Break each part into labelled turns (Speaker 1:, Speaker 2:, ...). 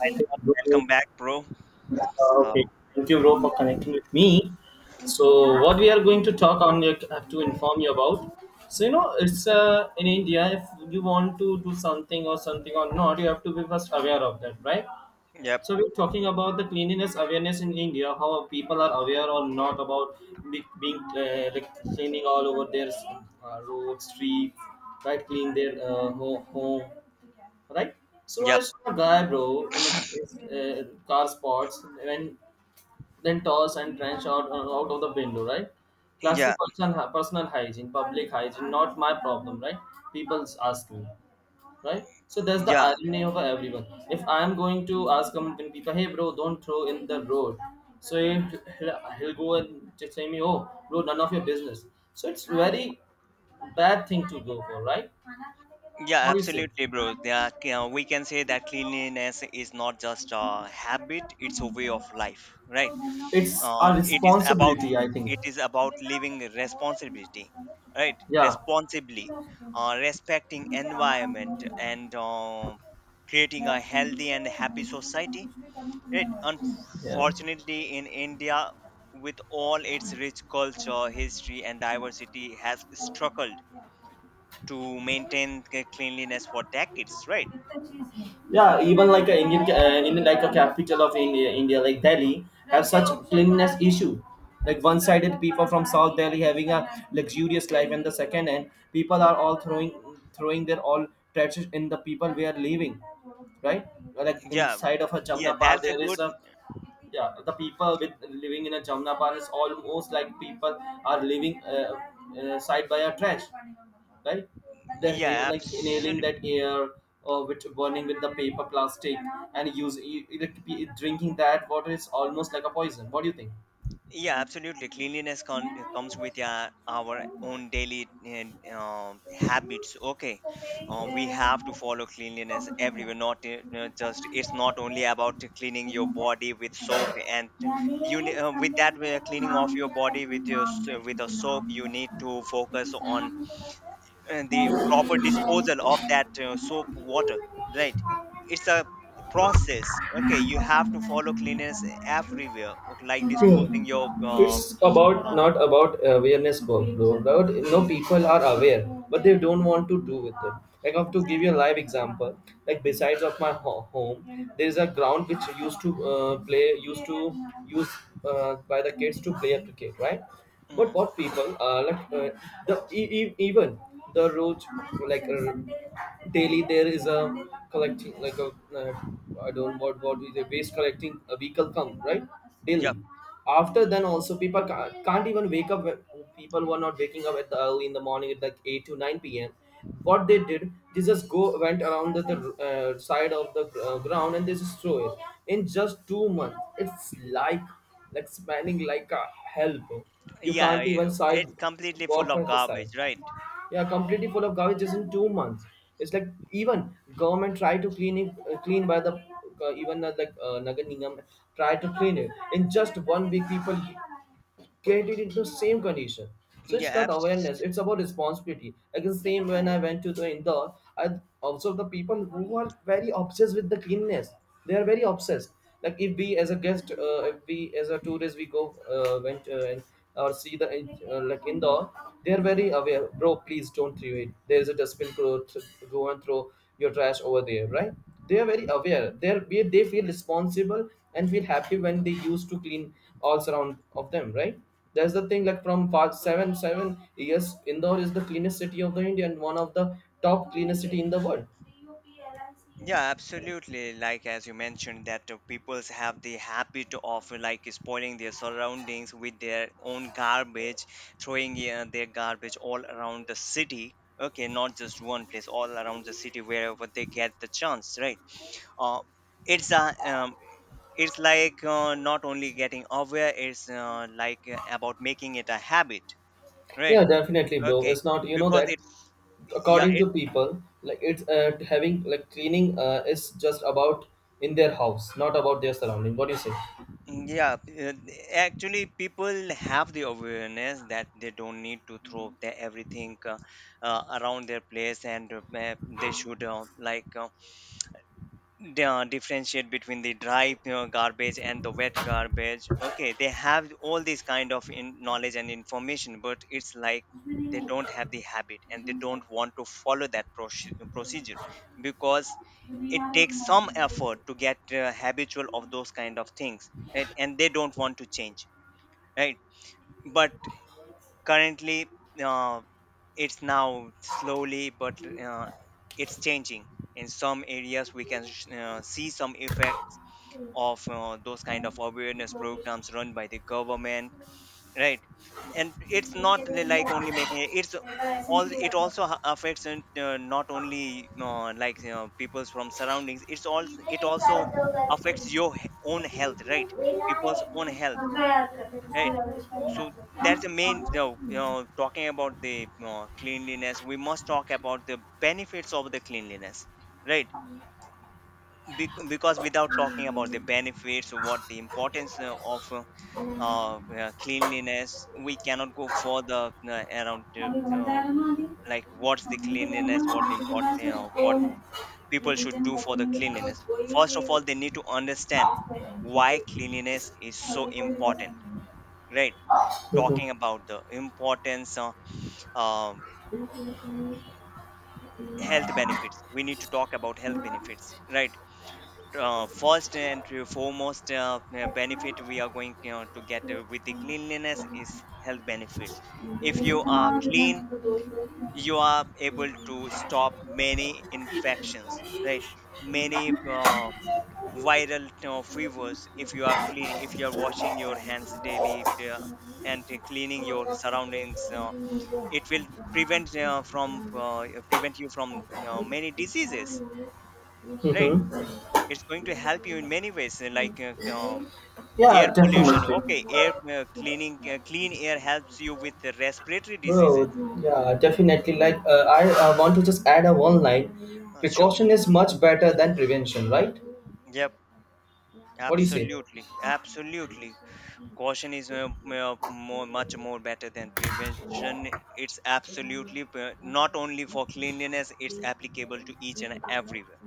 Speaker 1: Right, welcome back, bro.
Speaker 2: Okay,
Speaker 1: So,
Speaker 2: thank you, bro, for connecting with me. So, what we are going to talk on, have to inform you about. So, you know, it's in India, if you want to do something or something or not, you have to be first aware of that, right?
Speaker 1: yep,
Speaker 2: So we're talking about the cleanliness awareness in India, how people are aware or not about being like cleaning all over their roads, streets, right? Clean their home, right? So I
Speaker 1: yep,
Speaker 2: saw a guy, bro, in a car spots, and then toss and trench out of the window, right? Classic
Speaker 1: yeah,
Speaker 2: personal hygiene, public hygiene, not my problem, right? People ask me, right? So that's the
Speaker 1: yeah,
Speaker 2: irony of everyone. If I'm going to ask a mountain people, hey bro, don't throw in the road. So he'll go and just say me, oh bro, none of your business. So it's very bad thing to go for, right?
Speaker 1: yeah,
Speaker 2: What do you say?
Speaker 1: absolutely, bro. Yeah, c- We can say that cleanliness is not just a habit; it's a way of life, right?
Speaker 2: It's a
Speaker 1: It is about
Speaker 2: responsibility, I think.
Speaker 1: it is about living responsibility, right?
Speaker 2: Yeah.
Speaker 1: Responsibly, respecting environment and creating a healthy and happy society. It
Speaker 2: Yeah,
Speaker 1: Unfortunately, in India, with all its rich culture, history, and diversity, has struggled to maintain cleanliness for decades. Right?
Speaker 2: yeah, even like a Indian in like a capital of India like Delhi have such cleanliness issue, like one-sided people from south Delhi having a luxurious life and the second end people are all throwing their all trash in the people we are leaving, right? Like
Speaker 1: Yeah.
Speaker 2: inside of a
Speaker 1: Yeah.
Speaker 2: Jamna Park
Speaker 1: That's a
Speaker 2: there is
Speaker 1: good.
Speaker 2: a, yeah, the people with living in a Jamnapan is almost like people are living side by a trash, right? They're
Speaker 1: Yeah.
Speaker 2: like inhaling that air, which burning with the paper plastic, and drinking that water is almost like a poison. What do you think?
Speaker 1: Yeah, absolutely. Cleanliness comes with our own daily habits. Okay, we have to follow cleanliness everywhere. Not just it's not only about cleaning your body with soap and with that cleaning of your body with your with a soap. You need to focus on the proper disposal of that soap water. Right, it's a process. Okay, you have to follow cleanliness everywhere, like disposing
Speaker 2: Hmm.
Speaker 1: your
Speaker 2: It's about
Speaker 1: Oh,
Speaker 2: not about awareness work, though. But no, people are aware, but they don't want to do with it. Like I have to give you a live example. Like besides of my home, there is a ground which used to play, used to use by the kids to play a cricket, right? But
Speaker 1: mm,
Speaker 2: what people like the even the road, like daily there is a collecting like a, uh, I don't, what is a waste collecting a vehicle come, right?
Speaker 1: yeah,
Speaker 2: Daily. After then also people can't even wake up. People were not waking up at the early in the morning at like eight to nine p.m. What they did, they just go went around the side of the ground, and they just throw it. In just 2 months, it's like spanning like a hell. You can't even
Speaker 1: yeah,
Speaker 2: side
Speaker 1: it's completely full
Speaker 2: walk
Speaker 1: of
Speaker 2: from the side.
Speaker 1: garbage, right?
Speaker 2: Yeah, completely full of garbage just in 2 months. It's like even government try to clean it, clean by the even like Nagar Nigam try to clean it in just 1 week. People get it into same condition. So
Speaker 1: Yeah,
Speaker 2: it's not
Speaker 1: abs-
Speaker 2: awareness, it's about responsibility. Again same when I went to the Indore, I observed the people who are very obsessed with the cleanliness. They are very obsessed. Like if we as a guest, if we as a tourist we go went and or see the like Indore, they are very aware. Bro, please don't throw it. There is a dustbin. Go, go and throw your trash over there, right? They are very aware. They're they are They feel responsible and feel happy when they used to clean all surround of them, right? That's the thing, like from past seven years Indore is the cleanest city of the India and one of the top cleanest city in the world.
Speaker 1: yeah, absolutely. Like as you mentioned, that peoples have the habit of like spoiling their surroundings with their own garbage, throwing their garbage all around the city. Okay, not just one place, all around the city wherever they get the chance, right? Uh, it's uh, um, it's like not only getting aware, it's about making it a habit, right?
Speaker 2: Yeah, definitely, bro,
Speaker 1: Okay,
Speaker 2: it's not,
Speaker 1: because
Speaker 2: that
Speaker 1: it's yeah,
Speaker 2: according
Speaker 1: it.
Speaker 2: to people, like it's having like cleaning is just about in their house not about their surrounding. What
Speaker 1: Yeah. Actually, people have the awareness that they don't need to throw their everything around their place, and they should differentiate between the dry, you know, garbage and the wet garbage. Okay, they have all this kind of in knowledge and information, but it's like they don't have the habit and they don't want to follow that procedure because it takes some effort to get habitual of those kind of things, right, and they don't want to change, right. But currently, uh, it's now slowly, but it's changing. In some areas we can see some effects of those kind of awareness programs run by the government, right. And it's not like only making it, it also affects, and not only you know, people's from surroundings, it also affects your own health, right?
Speaker 2: do
Speaker 1: People's own
Speaker 2: you say?
Speaker 1: health, right. So that's the main, you know, talking about the cleanliness, we must talk about the benefits of the cleanliness, right. Because without talking about the benefits, what the importance of cleanliness, we cannot go further around the, uh, like what's the cleanliness, what important, you know, what people should do for the cleanliness. First of all, they need to understand why cleanliness is so important, right.
Speaker 2: Mm-hmm.
Speaker 1: Talking about the importance, um, health benefits, we need to talk about health benefits, right. First and foremost benefit we are going, you know, to get with the cleanliness is health benefits. If you are clean, you are able to stop many infections, right. Many viral fevers. If you are clean, if you are washing your hands daily, uh, and cleaning your surroundings, it will prevent you from many diseases, right.
Speaker 2: Mm-hmm.
Speaker 1: It's going to help you in many ways, air
Speaker 2: Yeah, definitely,
Speaker 1: pollution. Okay, air cleaning clean air helps you with the respiratory diseases.
Speaker 2: bro. Yeah, definitely. Like, I want to just add a one line.
Speaker 1: Sure.
Speaker 2: Precaution is much better than prevention, right?
Speaker 1: Yeah,
Speaker 2: What do you say?
Speaker 1: absolutely, absolutely. Caution is much more better than prevention. It's absolutely not only for cleanliness; it's applicable to each and everywhere,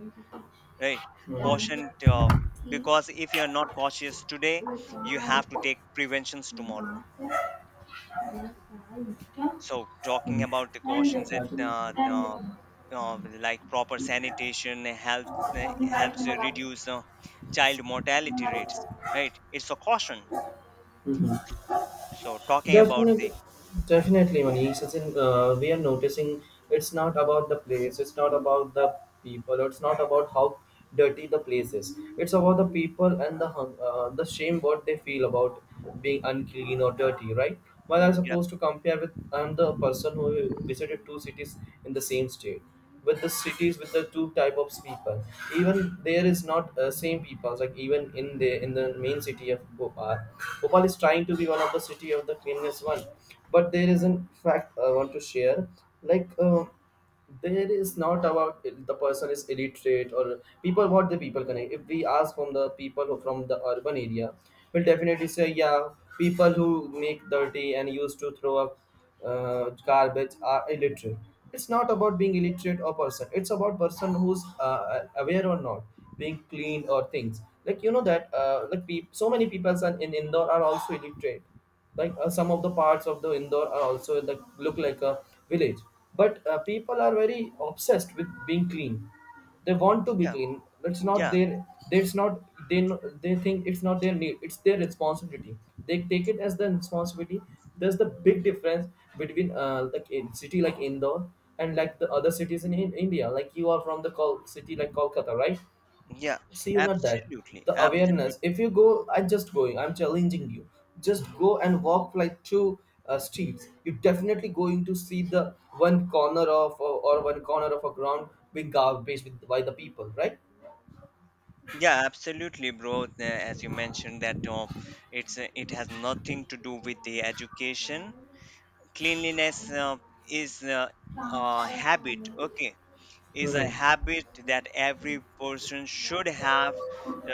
Speaker 1: right? Caution,
Speaker 2: Hmm.
Speaker 1: because if you are not cautious today, you have to take preventions tomorrow. So, talking about the
Speaker 2: Hmm.
Speaker 1: cautions and
Speaker 2: Charging it.
Speaker 1: like proper helps reduce child mortality rates, right? It's a caution.
Speaker 2: Mhm.
Speaker 1: So talking about
Speaker 2: Definitely,
Speaker 1: the
Speaker 2: definitely, Manish. We are noticing it's not about the place, it's not about the people, it's not about how dirty the place is. It's about the people and the the shame what they feel about being unclean or dirty, right? While I'm
Speaker 1: yeah,
Speaker 2: supposed to compare with, I'm the person who visited two cities in the same state with the cities with the two type of people. Even there is not same people, like even in the main city of Bhopal. Bhopal is trying to be one of the city of the cleanliness one, but there is an fact I want to share. Like there is not about the person is illiterate or people. What the people connect, if we ask from the people who from the urban area will definitely say, yeah, people who make dirty and used to throw up garbage are illiterate. It's not about being illiterate or person, it's about person who's aware or not being clean or things, like you know that, like so many people in Indore are also illiterate. Like some of the parts of the Indore are also the look like a village. But people are very obsessed with being clean. They want to be
Speaker 1: yeah,
Speaker 2: clean. It's not
Speaker 1: yeah,
Speaker 2: their. It's not they. They think it's not their need. It's their responsibility. They take it as their responsibility. There's the big difference between like in city like Indore and like the other cities in India. Like you are from the city like Kolkata, right?
Speaker 1: yeah,
Speaker 2: See you not that
Speaker 1: absolutely,
Speaker 2: the
Speaker 1: absolutely,
Speaker 2: awareness. If you go, I'm just going, I'm challenging you, just go and walk like two streets. You're definitely going to see the one corner of, or one corner of a ground being garbage with, by the people, right?
Speaker 1: yeah, absolutely, bro. As you mentioned that it has nothing to do with the education. Cleanliness is a habit. Okay, is a
Speaker 2: Hmm.
Speaker 1: habit that every person should have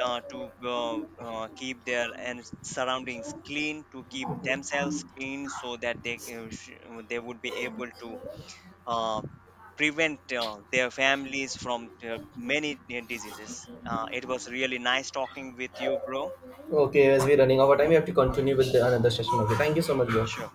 Speaker 1: to keep their and surroundings clean, to keep themselves clean, so that they they would be able to uh, prevent their families from many diseases. It was really nice talking with you, bro.
Speaker 2: Okay, as we're running out of time, we have to continue with the another session. Okay, thank you so much, bro.
Speaker 1: Sure.